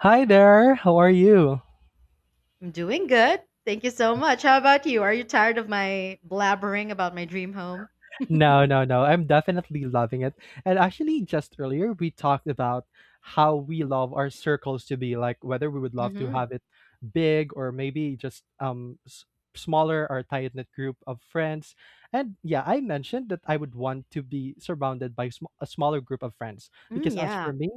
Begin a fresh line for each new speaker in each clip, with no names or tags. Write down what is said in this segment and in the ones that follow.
Hi there, how are you?
I'm doing good. Thank you so much. How about you? Are you tired of my blabbering about my dream home?
No, no, no. I'm definitely loving it. And actually, just earlier, we talked about how we love our circles to be like whether we would love to
Hmm.
have it big or maybe just smaller or tight knit group of friends. And yeah, I mentioned that I would want to be surrounded by a smaller group of friends
Mm,
because as
yeah.
for me,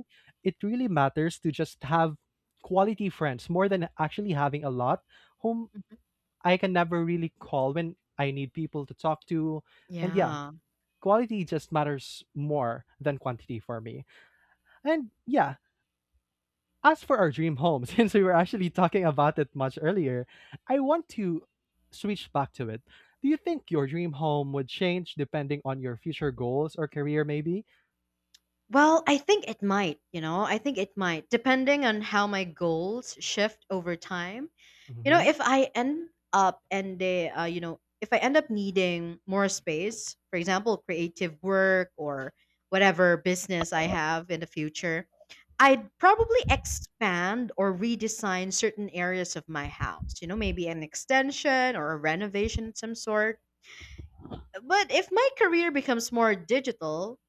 it really matters to just have quality friends more than actually having a lot whom
Mhm.
I can never really call when I need people to talk to. And yeah,
Yeah.
quality just matters more than quantity for me. And yeah, as for our dream home, since we were actually talking about it much earlier, I want to switch back to it. Do you think your dream home would change depending on your future goals or career, maybe?
Well, I think it might, you know, I think it might, depending on how my goals shift over time. You know,
Hmm.
if I end up and they, you know, if I end up needing more space, for example, creative work or whatever business I have in the future, I'd probably expand or redesign certain areas of my house. You know, maybe an extension or a renovation of some sort. But if my career becomes more digital,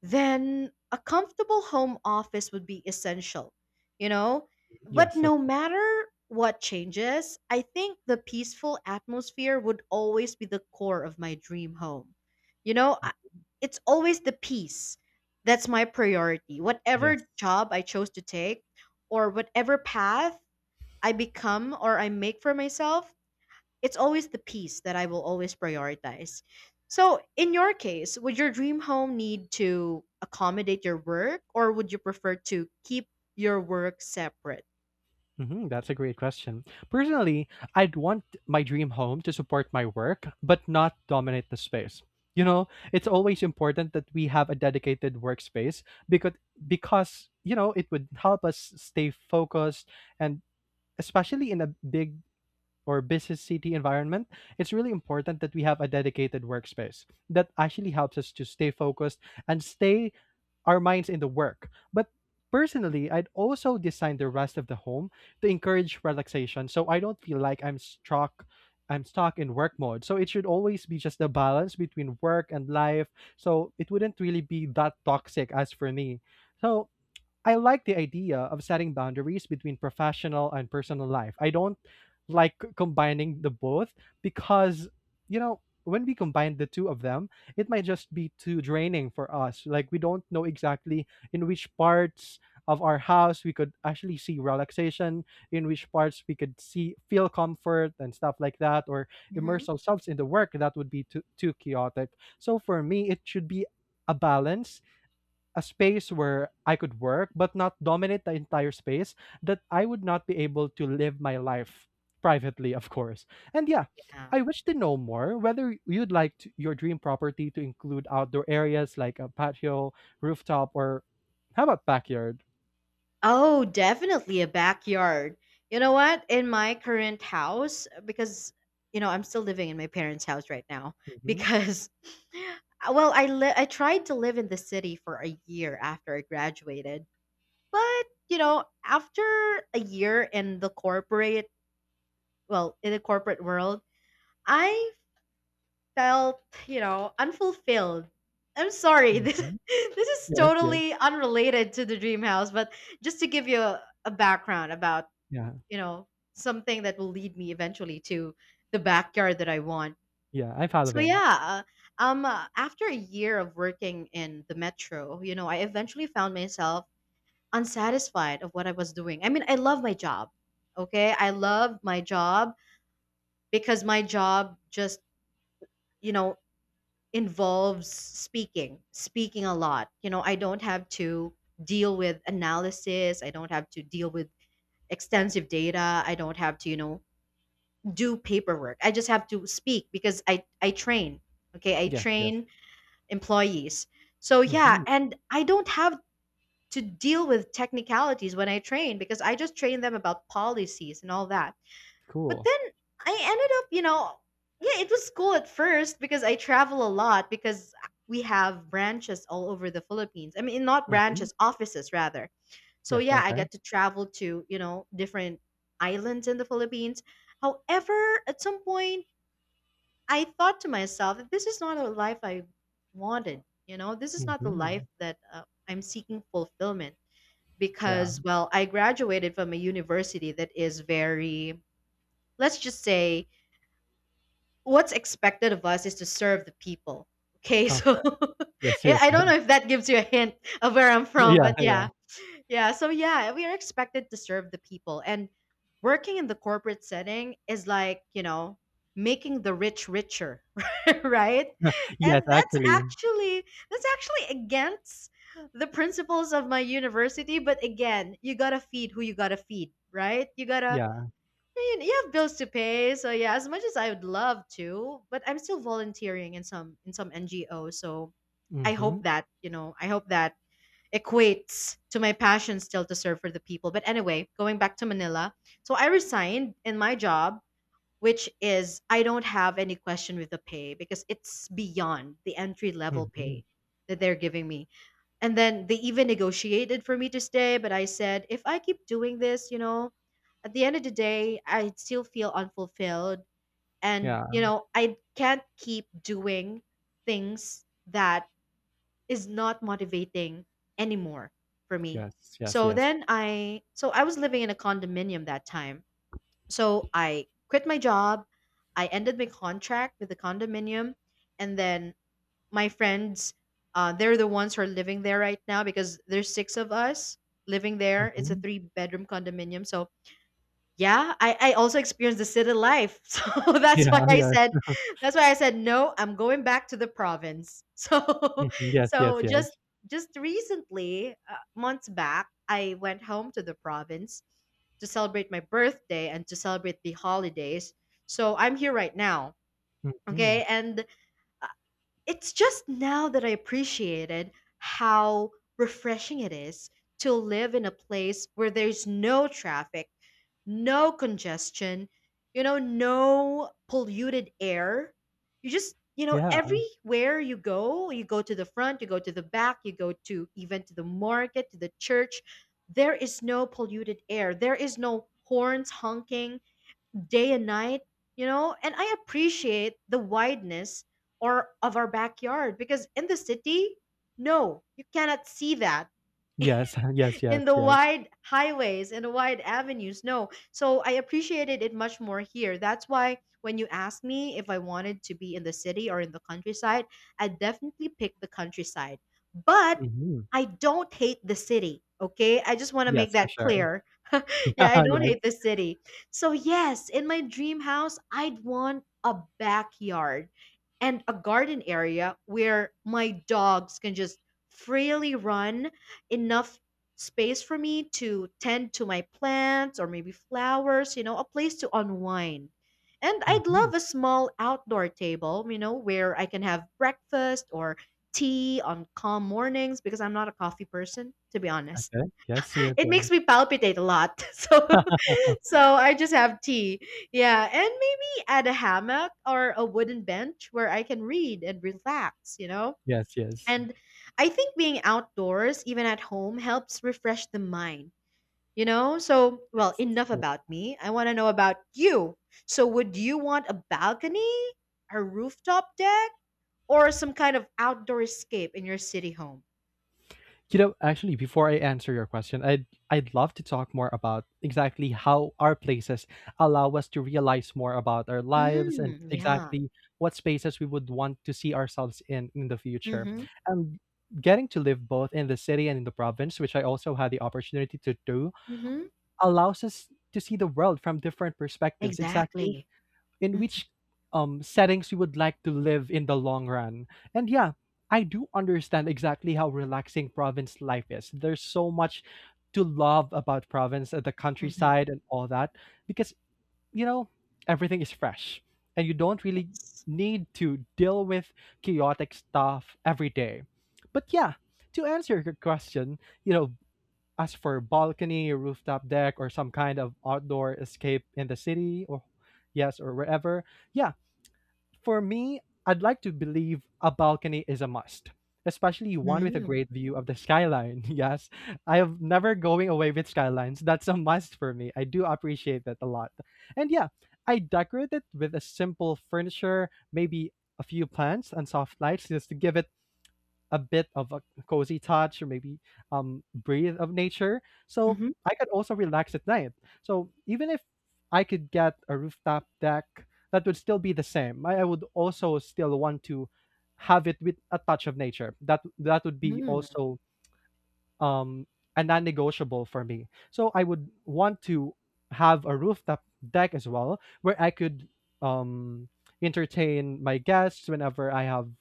then a comfortable home office would be essential, you know? But
Yes, of
no
course.
matter what changes, I think the peaceful atmosphere would always be the core of my dream home. You know, I, it's always the peace that's my priority.
Yes.
Whatever job I chose to take or whatever path I become or I make for myself, it's always the peace that I will always prioritize. So, in your case, would your dream home need to accommodate your work or would you prefer to keep your work separate?
Hmm, that's a great question. Personally, I'd want my dream home to support my work, but not dominate the space. You know, it's always important that we have a dedicated workspace because because you know it would help us stay focused and especially in a big or busy city environment, it's really important that we have a dedicated workspace that actually helps us to stay focused and stay our minds in the work. But personally, I'd also design the rest of the home to encourage relaxation so I don't feel like I'm stuck in work mode. So it should always be just a balance between work and life. So it wouldn't really be that toxic as for me. So I like the idea of setting boundaries between professional and personal life. I don't like combining the both because, you know, when we combine the two of them, it might just be too draining for us. Like, we don't know exactly in which parts of our house we could actually see relaxation, in which parts we could see feel comfort and stuff like that, or
Hmm.
immerse ourselves in the work that would be too chaotic. So, for me, it should be a balance a space where I could work but not dominate the entire space that I would not be able to live my life privately, of course. And yeah,
Yeah.
I wish to know more whether you'd like to, your dream property to include outdoor areas like a patio, rooftop, or how about backyard?
Oh, definitely a backyard. You know what? In my current house, because you know I'm still living in my parents' house right now,
Hmm.
because well, I tried to live in the city for a year after I graduated. But, you know, after a year in the corporate, well, in the corporate world, I felt, you know, unfulfilled. I'm sorry. This
Hmm.
this is
Yes, yes,
totally unrelated to the dream house, but just to give you a background about,
yeah,
you know, something that will lead me eventually to the backyard that I want.
yeah. I'm
So
following.
yeah, after a year of working in the metro, you know, I eventually found myself unsatisfied of what I was doing. I mean, I love my job. Okay? I love my job because my job just, you know, involves speaking, speaking a lot. You know, I don't have to deal with analysis, I don't have to deal with extensive data, I don't have to, you know, do paperwork. I just have to speak because I train. Okay? I
Yes, yes.
train employees. So yeah,
Hmm.
and I don't have to deal with technicalities when I train because I just train them about policies and all that. But
Cool.
then I ended up, you know, yeah, it was cool at first because I travel a lot because we have branches all over the Philippines. I mean, not
Hmm.
branches, offices rather. So
Yes.
yeah, I
Okay.
got to travel to, you know, different islands in the Philippines. However, at some point I thought to myself that this is not a life I wanted, you know, this is not the life
Hmm.
that I'm seeking fulfillment
Yeah.
because well I graduated from a university that is very, let's just say, what's expected of us is to serve the people, okay?
Okay.
So
Yes.
i
Yes.
I
Yes.
don't know if that gives you a hint of where I'm from,
Yeah.
but yeah.
Yeah.
Yeah, so yeah, we are expected to serve the people. And working in the corporate setting is like, you know, making the rich richer, right? And
Yes.
that's
Actually.
actually that's actually against the principles of my university, but again, you got to feed who you got to feed, right? You got to,
Yeah.
you have bills to pay. So yeah, as much as I would love to, but I'm still volunteering in some NGO, so I hope
Mhm,
that, you know, I hope that equates to my passion still to serve for the people. But anyway, going back to Manila, so I resigned in my job, which is I don't have any question with the pay because it's beyond the entry level
mhm.
pay that they're giving me. And then they even negotiated for me to stay, but I said, if I keep doing this, you know, at the end of the day, I still feel unfulfilled. And,
Yeah.
you know, I can't keep doing things that is not motivating anymore for me.
Yes, yes,
So
yes.
then I so I was living in a condominium that time. So I quit my job, I ended my contract with the condominium, and then my friends, they're the ones who are living there right now because there's six of us living there. It's a
Mhm.
three-bedroom condominium. So yeah, I also experienced the city life. So
Yeah,
that's why I said
yes.
that's why I said no, I'm going back to the province. So
Mhm. Yes, yes,
so just
yes.
just recently, months back, I went home to the province to celebrate my birthday and to celebrate the holidays. So I'm here right now.
Mhm.
Okay? And it's just now that I appreciated how refreshing it is to live in a place where there's no traffic, no congestion, you know, no polluted air. You just, you know,
Yeah.
everywhere you go to the front, you go to the back, you go to even to the market, to the church, there is no polluted air. There is no horns honking day and night, you know? And I appreciate the wideness or of our backyard because in the city, no, you cannot see that
Yes, yes, yes,
in the
yes.
wide highways, in the wide avenues. No. So I appreciated it much more here. That's why when you asked me if I wanted to be in the city or in the countryside, I definitely picked the countryside. But
Mhm.
I don't hate the city. Okay. I just want to make
Yes, for
that
sure.
clear.
Yeah,
Yeah, I don't
yes.
hate the city. So, yes, in my dream house, I'd want a backyard and a garden area where my dogs can just freely run, enough space for me to tend to my plants or maybe flowers, you know, a place to unwind. And I'd
Mhm.
love a small outdoor table, you know, where I can have breakfast or tea on calm mornings because I'm not a coffee person, to be honest.
Okay. Yes, yes,
It
yes.
makes me palpitate a lot. So so I just have tea. Yeah, and maybe add a hammock or a wooden bench where I can read and relax, you know?
Yes, yes.
And I think being outdoors, even at home, helps refresh the mind. You know? So, well,
Yes.
enough
Yes.
about me. I want to know about you. So, would you want a balcony, a rooftop deck, or some kind of outdoor escape in your city home?
You know, actually, before I answer your question, I'd love to talk more about exactly how our places allow us to realize more about our lives and
Mm, yeah.
exactly what spaces we would want to see ourselves in the future.
Mm-hmm.
And getting to live both in the city and in the province, which I also had the opportunity to do,
Mm-hmm.
allows us to see the world from different perspectives. Exactly
Exactly.
in which settings you would like to live in the long run. And yeah, I do understand exactly how relaxing province life is. There's so much to love about province, the
Mm-hmm.
countryside, and all that, because you know everything is fresh, and you don't really
Yes.
need to deal with chaotic stuff every day. But yeah, to answer your question, you know, as for balcony, rooftop deck, or some kind of outdoor escape in the city, or yes, or wherever, yeah, for me, I'd like to believe a balcony is a must, especially one with a
Mm-hmm.
great view of the skyline. Yes, I am never going away with skylines. That's a must for me. I do appreciate that a lot. And yeah, I decorate it with a simple furniture, maybe a few plants and soft lights just to give it a bit of a cozy touch or maybe breathe of nature. So
Mm-hmm.
I could also relax at night. So even if I could get a rooftop deck, that would still be the same. I would also still want to have it with a touch of nature. That would be also um a non-negotiable for me. So I would want to have a rooftop deck as well where I could um entertain my guests whenever I have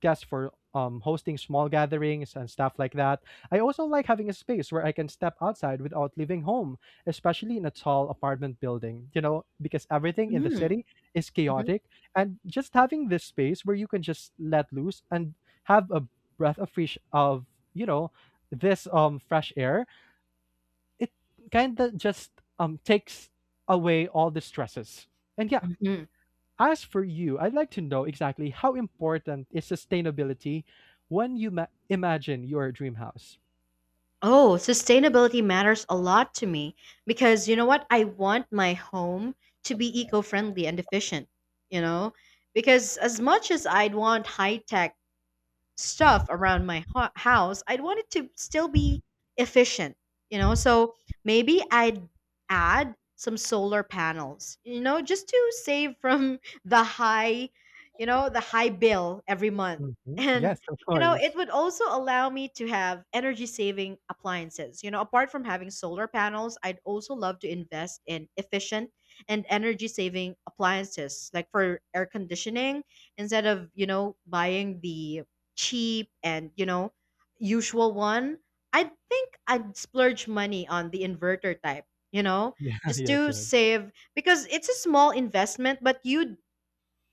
guests for hosting small gatherings and stuff like that. I also like having a space where I can step outside without leaving home, especially in a tall apartment building, you know, because everything in the
Mm-hmm.
city is chaotic and just having this space where you can just let loose and have a breath of fresh of you know this fresh air, it kind of just takes away all the stresses. And yeah,
Mm-hmm.
as for you, I'd like to know exactly how important is sustainability when you imagine your dream house.
Oh, sustainability matters a lot to me because you know what? I want my home to be eco friendly and efficient, you know? Because as much as I'd want high tech stuff around my house, I'd want it to still be efficient, you know? So maybe I'd add some solar panels, you know, just to save from the high, you know, the high bill every month.
Mhm.
And,
Yes, of
you know, it
course.
would also allow me to have energy saving appliances. You know, apart from having solar panels, I'd also love to invest in efficient and energy saving appliances, like for air conditioning, instead of, you know, buying the cheap and you know usual one, I think I'd splurge money on the inverter type, you know,
Yeah,
just
yes,
to
yes.
save because it's a small investment but you'd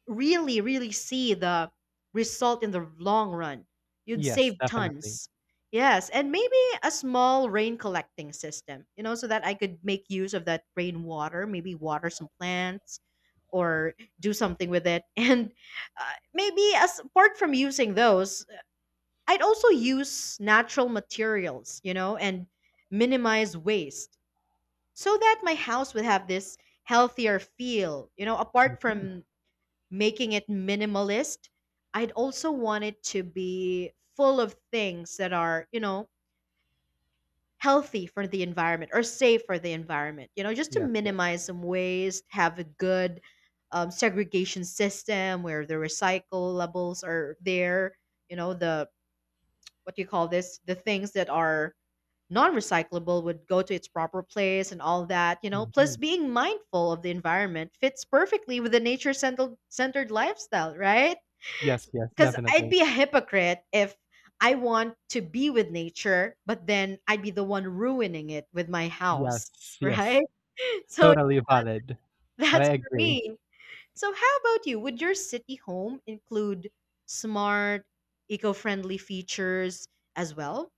really see the result in the long run. You'd save
Yes, definitely.
tons. Yes, and maybe a small rain collecting system, you know, so that I could make use of that rainwater, maybe water some plants or do something with it. And maybe as apart from using those, I'd also use natural materials, you know, and minimize waste so that my house would have this healthier feel. You know, apart
Mhm.
from making it minimalist, I'd also want it to be full of things that are, you know, healthy for the environment or safe for the environment, you know, just to
Yes, yes.
minimize some waste, have a good segregation system where the recyclables are there, you know, the, what do you call this? The things that are non-recyclable would go to its proper place and all that, you know, plus
Mhm.
being mindful of the environment fits perfectly with the nature centered lifestyle, right?
Yes, yes,
Because I'd
definitely.
be a hypocrite if I want to be with nature but then I'd be the one ruining it with my house,
Yes,
right?
yes.
So
Totally valid, and I
that's for
agree.
me. So how about you, would your city home include smart eco-friendly features as well?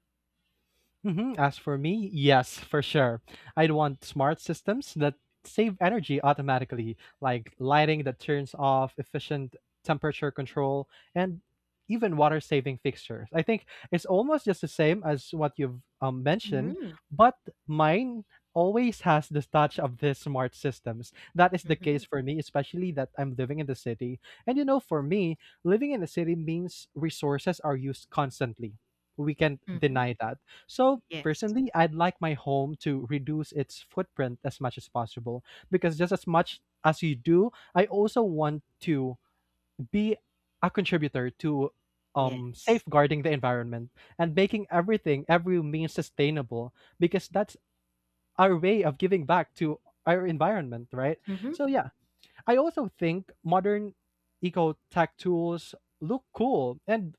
Hmm, as for me, yes, for sure. I'd want smart systems that save energy automatically, like lighting that turns off, efficient temperature control, and even water saving fixtures. I think it's almost just the same as what you've mentioned,
Hmm.
but mine always has this touch of these smart systems. That is the
Hmm.
case for me, especially that I'm living in the city. And you know, for me, living in the city means resources are used constantly. We can't
Hmm.
deny that so
Yes.
personally, I'd like my home to reduce its footprint as much as possible because just as much as you do, I also want to be a contributor to
Yes.
safeguarding the environment and making everything every means sustainable because that's our way of giving back to our environment, right?
Mhm.
So yeah, I also think modern eco tech tools look cool and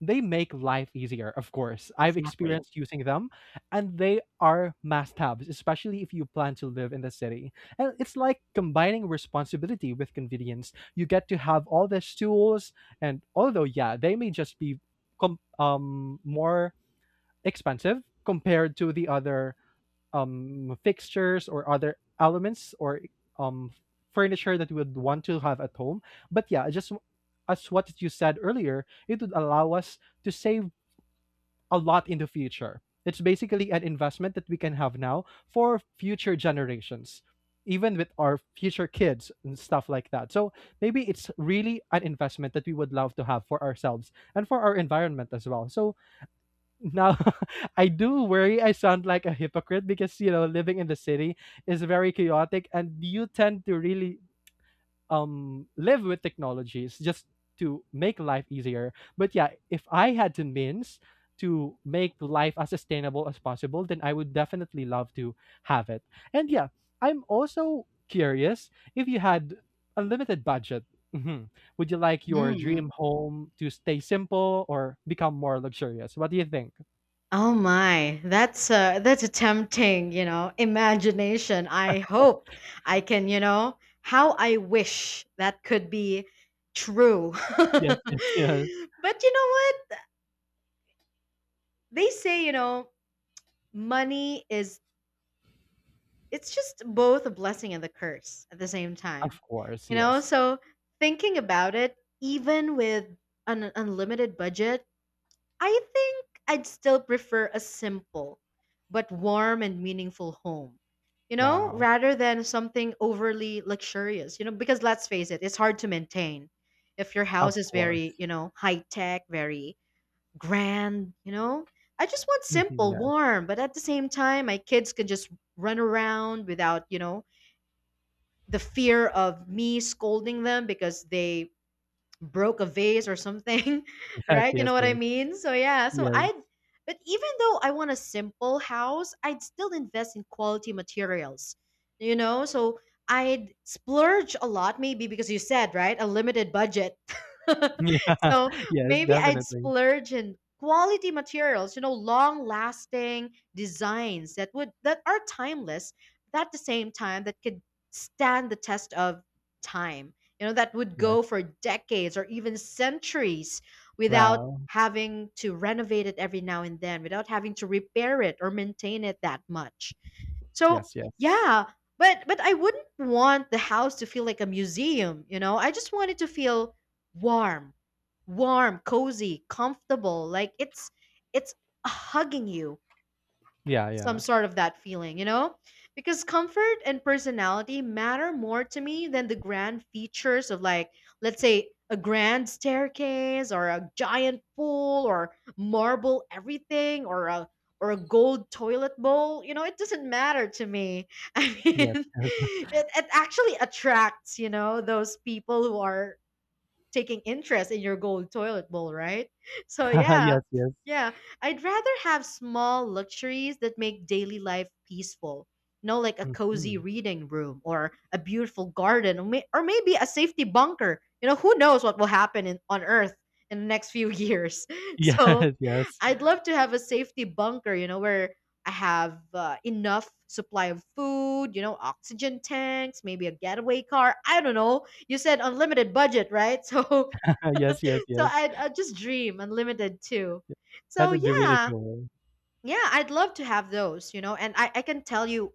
they make life easier, of course. I've
Exactly.
experienced using them, and they are must haves, especially if you plan to live in the city. And it's like combining responsibility with convenience. You get to have all these tools, and although, yeah, they may just be more expensive compared to the other fixtures or other elements or um furniture that we would want to have at home. But yeah, just as what you said earlier, it would allow us to save a lot in the future. It's basically an investment that we can have now for future generations, even with our future kids and stuff like that. So maybe it's really an investment that we would love to have for ourselves and for our environment as well. So now, I do worry I sound like a hypocrite because you know living in the city is very chaotic, and you tend to really live with technologies just to make life easier. But yeah, if I had the means to make life as sustainable as possible, then I would definitely love to have it. And yeah, I'm also curious if you had unlimited budget. Mhm, would you like your
Mm.
dream home to stay simple or become more luxurious? What do you think?
Oh my, that's a tempting, you know, imagination. I hope I can, you know, how I wish that could be true. But
Yes, yes, yes.
you know what? They say, you know, money is, it's just both a blessing and a curse at the same time.
Of course,
You know,
yes.
so thinking about it, even with an unlimited budget, I think I'd still prefer a simple but warm and meaningful home,
Wow.
rather than something overly luxurious, because let's face it, it's hard to maintain if your house
Of
is very,
course.
you know, high tech, very grand. I just want
Mhm.
simple,
Yes,
warm, but at the same time, my kids can just run around without the fear of me scolding them because they broke a vase or something,
yes,
right? You know
yes,
what I
yes,
mean? So yeah, so
yes.
I but even though I want a simple house, I'd still invest in quality materials. You know, so I'd splurge a lot maybe because you said, right? A limited budget. So
Yeah, yes,
maybe I'd
definitely.
splurge in quality materials, long-lasting designs that are timeless, but at the same time that could stand the test of time that would go
Yes.
for decades or even centuries without
Wow.
having to renovate it every now and then without having to repair it or maintain it that much. So
Yes, yes.
yeah, but I wouldn't want the house to feel like a museum. I just want it to feel warm, warm, cozy, comfortable, like it's hugging you.
Yeah,
Some
yeah.
sort of that feeling, you know? Because comfort and personality matter more to me than the grand features of, like, let's say, a grand staircase or a giant pool or marble everything or a gold toilet bowl, it doesn't matter to me. I mean,
Yes, yes.
it actually attracts those people who are taking interest in your gold toilet bowl, right? So yeah.
Yes, yes.
Yeah, I'd rather have small luxuries that make daily life peaceful. You know, like a cozy
Mhm.
reading room or a beautiful garden or, or maybe a safety bunker. You know, who knows what will happen on Earth in the next few years.
Yes,
So
yes.
I'd love to have a safety bunker, where I have enough supply of food, oxygen tanks, maybe a getaway car. I don't know. You said unlimited budget, right? So,
Yes, yes,
so
yes.
I I just dream unlimited too.
That
So
would be really
yeah,
cool.
yeah, I'd love to have those, and I can tell you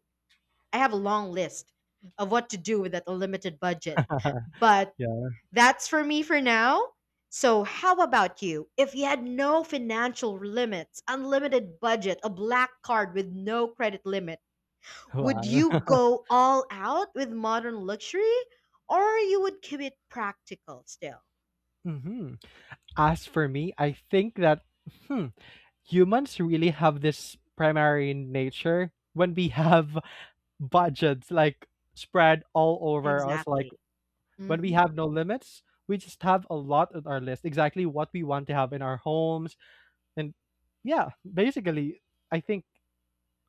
I have a long list of what to do with that unlimited budget, but
Yeah.
that's for me for now. So, how about you? If you had no financial limits, unlimited budget, a black card with no credit limit, would
Wow.
you go all out with modern luxury or you would keep it practical still?
Hmm, as for me, I think that hmm, humans really have this primary nature when we have budgets like spread all over us. Like
Exactly.
when we
Mm-hmm.
have no limits, we just have a lot on our list, exactly what we want to have in our homes. And yeah, basically, I think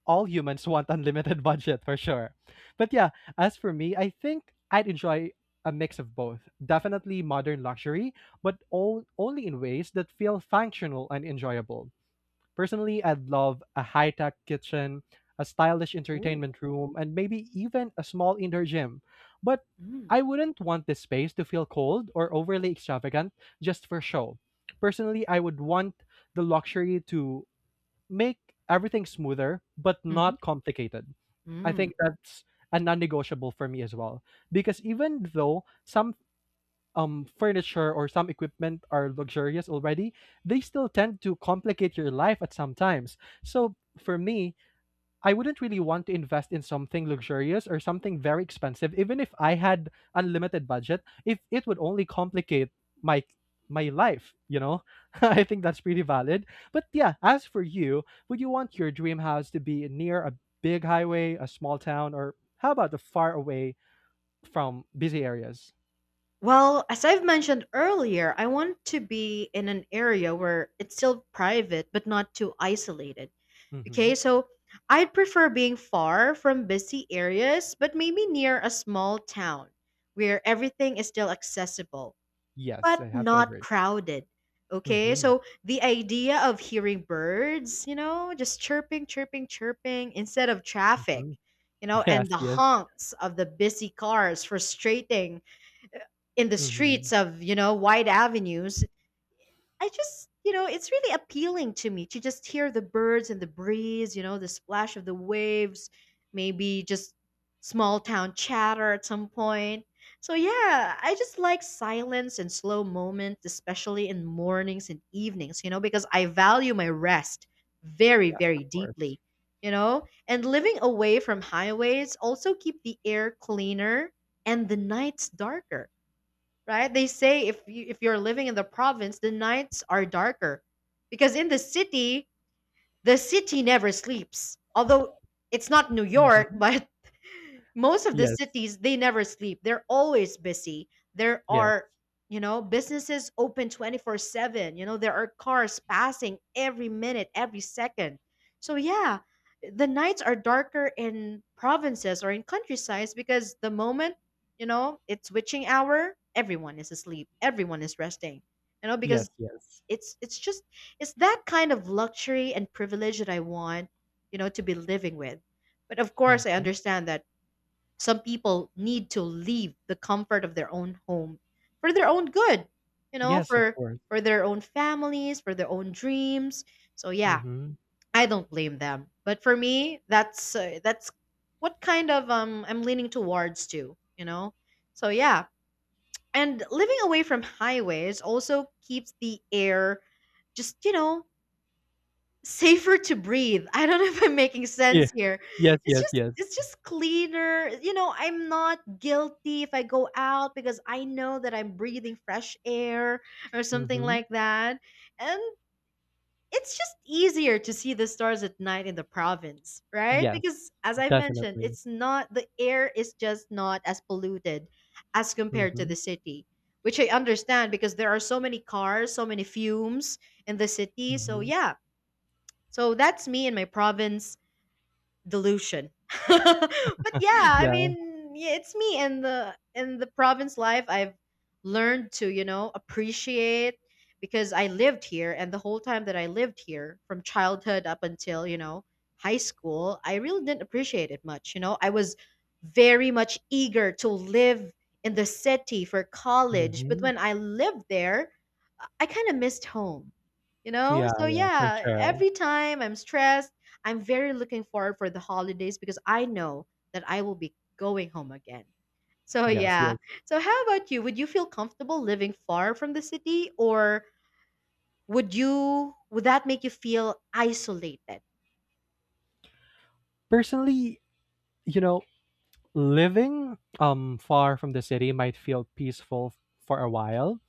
all humans want unlimited budget for sure. But yeah, as for me, I think I'd enjoy a mix of both. Definitely modern luxury, but all, only in ways that feel functional and enjoyable. Personally, I'd love a high-tech kitchen, a stylish
Ooh.
entertainment room, and maybe even a small indoor gym. But
Mm-hmm.
I wouldn't want this space to feel cold or overly extravagant just for show. Personally, I would want the luxury to make everything smoother but not complicated. I
Mm-hmm.
think that's a non-negotiable for me as well because even though some furniture or some equipment are luxurious already, they still tend to complicate your life at some times. So for me, I wouldn't really want to invest in something luxurious or something very expensive, even if I had unlimited budget, if it would only complicate my my life, you know? I think that's pretty valid. But yeah, as for you, would you want your dream house to be near a big highway, a small town, or how about the far away from busy areas?
Well, as I've mentioned earlier, I want to be in an area where it's still private but not too isolated.
Mm-hmm.
Okay, so I'd prefer being far from busy areas but maybe near a small town where everything is still accessible
Yes,
but
I have to
not
agree.
crowded. Okay,
Mhm,
so the idea of hearing birds, just chirping, chirping, chirping instead of traffic,
mhm.
you know, and
Yes,
the
yes.
honks of the busy cars frustrating in the streets
Mhm.
of wide avenues. I just, it's really appealing to me to just hear the birds and the breeze, the splash of the waves, maybe just small town chatter at some point. So yeah, I just like silence and slow moments, especially in mornings and evenings, because I value my rest very
Yes, of
very
course.
deeply. And living away from highways also keep the air cleaner and the nights darker, right? They say if you if you're living in the province, the nights are darker because in the city never sleeps. Although it's not New York,
Mhm.
but most of the
Yes,
cities, they never sleep, they're always busy. There
yes,
are businesses open 24/7. There are cars passing every minute every second. So yeah, the nights are darker in provinces or in countrysides because the moment, it's witching hour, everyone is asleep, everyone is resting, because
yes, yes.
it's just it's that kind of luxury and privilege that I want, to be living with. But of course I
Mhm.
understand that some people need to leave the comfort of their own home for their own good,
Yes, of
for
course.
their own families, for their own dreams. So yeah,
Mhm.
I don't blame them. But for me, that's what kind of, I'm leaning towards too, So yeah, and living away from highways also keeps the air just, safer to breathe. I don't know if I'm making
Yeah.
sense here.
Yes,
It's
yes,
just
yes.
it's just cleaner. You know, I'm not guilty if I go out because I know that I'm breathing fresh air or something
Mhm.
like that. And it's just easier to see the stars at night in the province, right?
Yes,
Because as I've mentioned,
definitely.
it's not the air is just not as polluted as compared to the
Mhm,
city, which I understand because there are so many cars, so many fumes in the city. So
mhm.
yeah, so that's me and my province delusion. But yeah, I
Yeah.
mean, yeah, it's me in the province life. I've learned to, appreciate, because I lived here, and the whole time that I lived here from childhood up until, high school, I really didn't appreciate it much. I was very much eager to live in the city for college, but
Mhm.
when I lived there, I kind of missed home. You know?
Yeah,
So
yeah, for
yeah,
sure.
every time I'm stressed, I'm very looking forward for the holidays because I know that I will be going home again. So
Yes,
yeah.
yes.
So how about you? Would you feel comfortable living far from the city, or would that make you feel isolated?
Personally, you know living far from the city might feel peaceful for a while.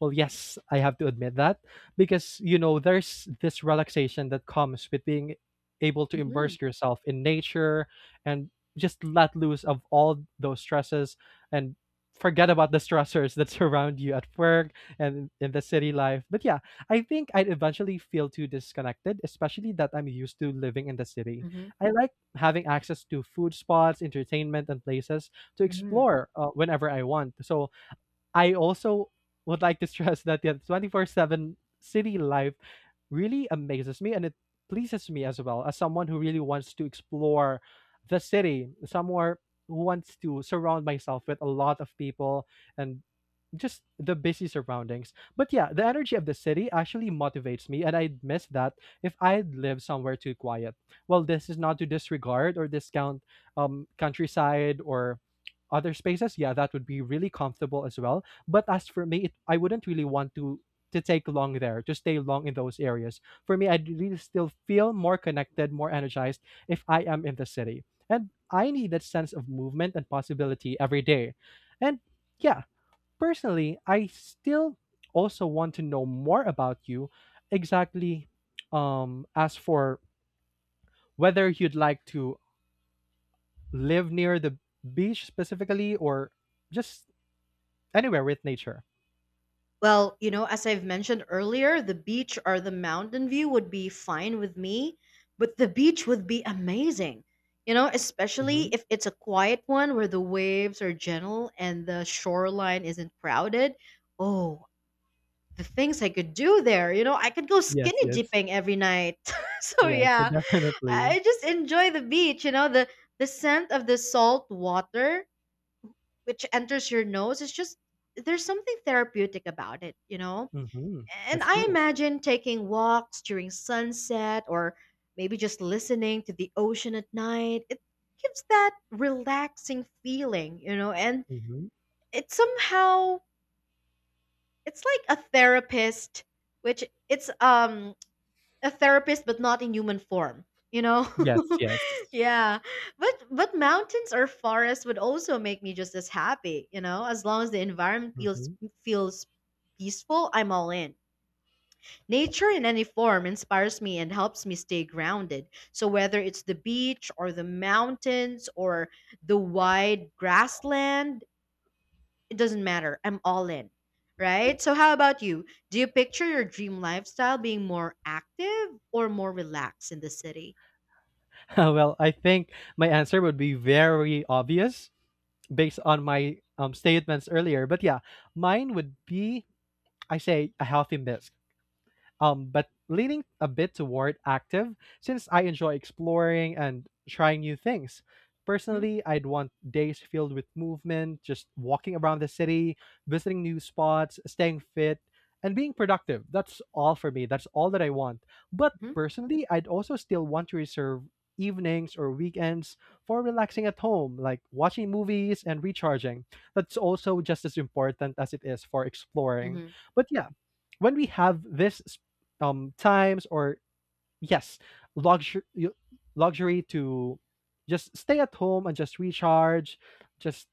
Well, yes, I have to admit that because there's this relaxation that comes with being able to
Mhm.
immerse yourself in nature and just let loose of all those stresses and forget about the stressors that surround you at work and in the city life. But yeah, I think I'd eventually feel too disconnected, especially that I'm used to living in the city.
Mhm.
I like having access to food spots, entertainment, and places to
Mhm.
explore whenever I want. So I also would like to stress that the 24/7 city life really amazes me and it pleases me as well as someone who really wants to explore the city, somewhere who wants to surround myself with a lot of people and just the busy surroundings. But yeah, the energy of the city actually motivates me, and I'd miss that if I'd lived somewhere too quiet. Well, this is not to disregard or discount countryside or other spaces. Yeah, that would be really comfortable as well. But as for me, I wouldn't really want to take long there, to stay long in those areas. For me, I'd really still feel more connected, more energized if I am in the city. And I need that sense of movement and possibility every day. And yeah, personally, I still also want to know more about you. Exactly, as for whether you'd like to live near the beach specifically or just anywhere with nature.
Well, as I've mentioned earlier, the beach or the mountain view would be fine with me, but the beach would be amazing. Especially
Hmm.
if it's a quiet one where the waves are gentle and the shoreline isn't crowded. Oh, the things I could do there. You know, I could go
Yes,
skinny
yes,
dipping every night. So
yes,
yeah,
definitely.
I just enjoy the beach, the scent of the salt water, which enters your nose, is just, there's something therapeutic about it, you know?
Hmm.
And
That's
I
cool.
imagine taking walks during sunset or maybe just listening to the ocean at night. It gives that relaxing feeling, and
Hmm.
it somehow, it's like a therapist, which it's, a therapist but not in human form, you know?
Yes, yes.
Yeah. But mountains or forests would also make me just as happy, as long as the environment feels
Hmm.
feels peaceful, I'm all in. Nature in any form inspires me and helps me stay grounded. So, whether it's the beach or the mountains or the wide grassland, it doesn't matter. I'm all in, right? So, how about you? Do you picture your dream lifestyle being more active or more relaxed in the city?
Well, I think my answer would be very obvious based on my statements earlier. But yeah, mine would be I say a healthy mix but leaning a bit toward active since I enjoy exploring and trying new things.
Hmm.
Personally, I'd want days filled with movement, just walking around the city, visiting new spots, staying fit, and being productive. That's all for me. That's all that I want. But
Hmm.
personally, I'd also still want to reserve evenings or weekends for relaxing at home, like watching movies and recharging. That's also just as important as it is for exploring.
Hmm.
But yeah, when we have this times or yes luxury luxury to just stay at home and just recharge just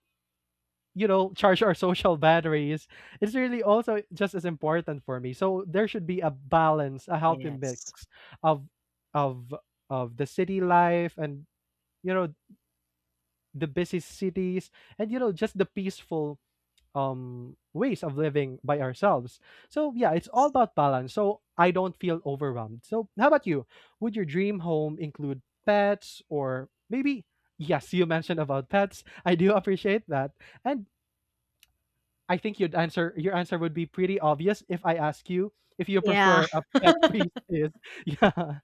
charge our social batteries. It's really also just as important for me, so there should be a balance, a healthy mix
Yes.
of of of the city life and, you know the busy cities, and just the peaceful ways of living by ourselves. So yeah, it's all
Yes.
about balance. So I don't feel overwhelmed. So how about you? Would your dream home include pets or maybe yes, you mentioned about pets. I do appreciate that. And I think you'd answer your answer would be pretty obvious if I ask you if you
Yeah.
prefer a pet free space. Yeah.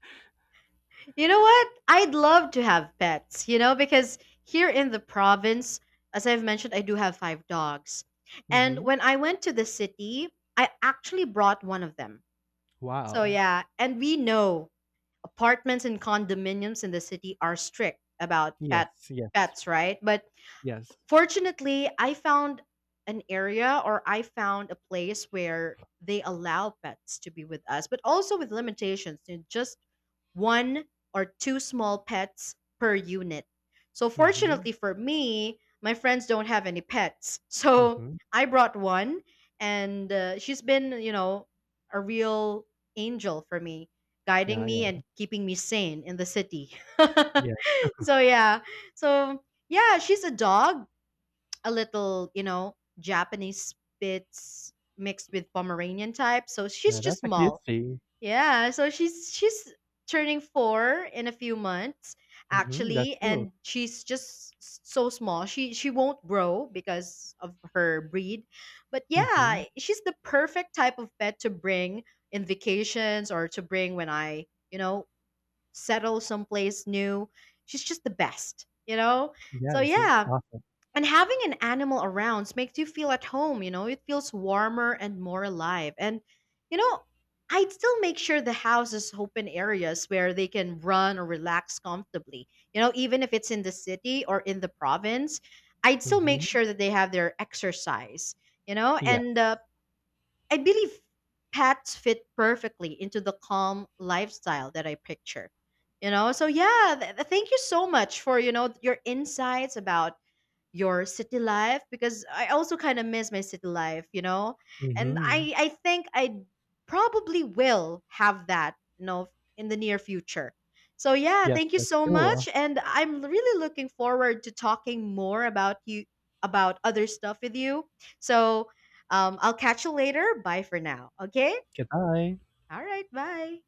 You know what? I'd love to have pets, because here in the province, as I've mentioned, I do have five dogs. And
Mm-hmm.
when I went to the city, I actually brought one of them. So,
Wow.
yeah. And we know apartments and condominiums in the city are strict about
Yes, yes,
pets, right? But
yes.
fortunately, I found an area, or I found a place where they allow pets to be with us, but also with limitations, you just one or two small pets per unit. So,
Mm-hmm.
fortunately for me, my friends don't have any pets. So,
Mm-hmm.
I brought one, and she's been, a real angel for me, guiding
Yeah,
me and
yeah.
keeping me sane in the city.
Yes.
So, yeah. So, yeah, she's a dog, a little, Japanese Spitz mixed with Pomeranian type. So she's
Yeah,
just
that's a cute
small.
thing.
Yeah, so she's turning 4 in a few months
Mm-hmm. That's
actually,
cool.
and she's just so small. She won't grow because of her breed. But
Mm-hmm.
yeah, she's the perfect type of pet to bring in vacations or to bring when I, you know, settle someplace new. She's just the best, you know? So
Yes, it's
yeah,
awesome.
and having an animal around makes you feel at home, it feels warmer and more alive. And, you know, I'd still make sure the house is open areas where they can run or relax comfortably. Even if it's in the city or in the province, I'd still make
Mhm.
sure that they have their exercise, you know, and
Yes.
uh, I believe pets fit perfectly into the calm lifestyle that I picture. So yeah, thank you so much for, your insights about your city life, because I also kind of miss my city life, you know? And
Mhm.
I think I probably will have that, in the near future. So yeah,
Yes,
thank you
yes,
so much,
cool.
and I'm really looking forward to talking more about you, about other stuff with you. So, I'll catch you later. Bye for now. Okay?
Goodbye.
All right. Bye.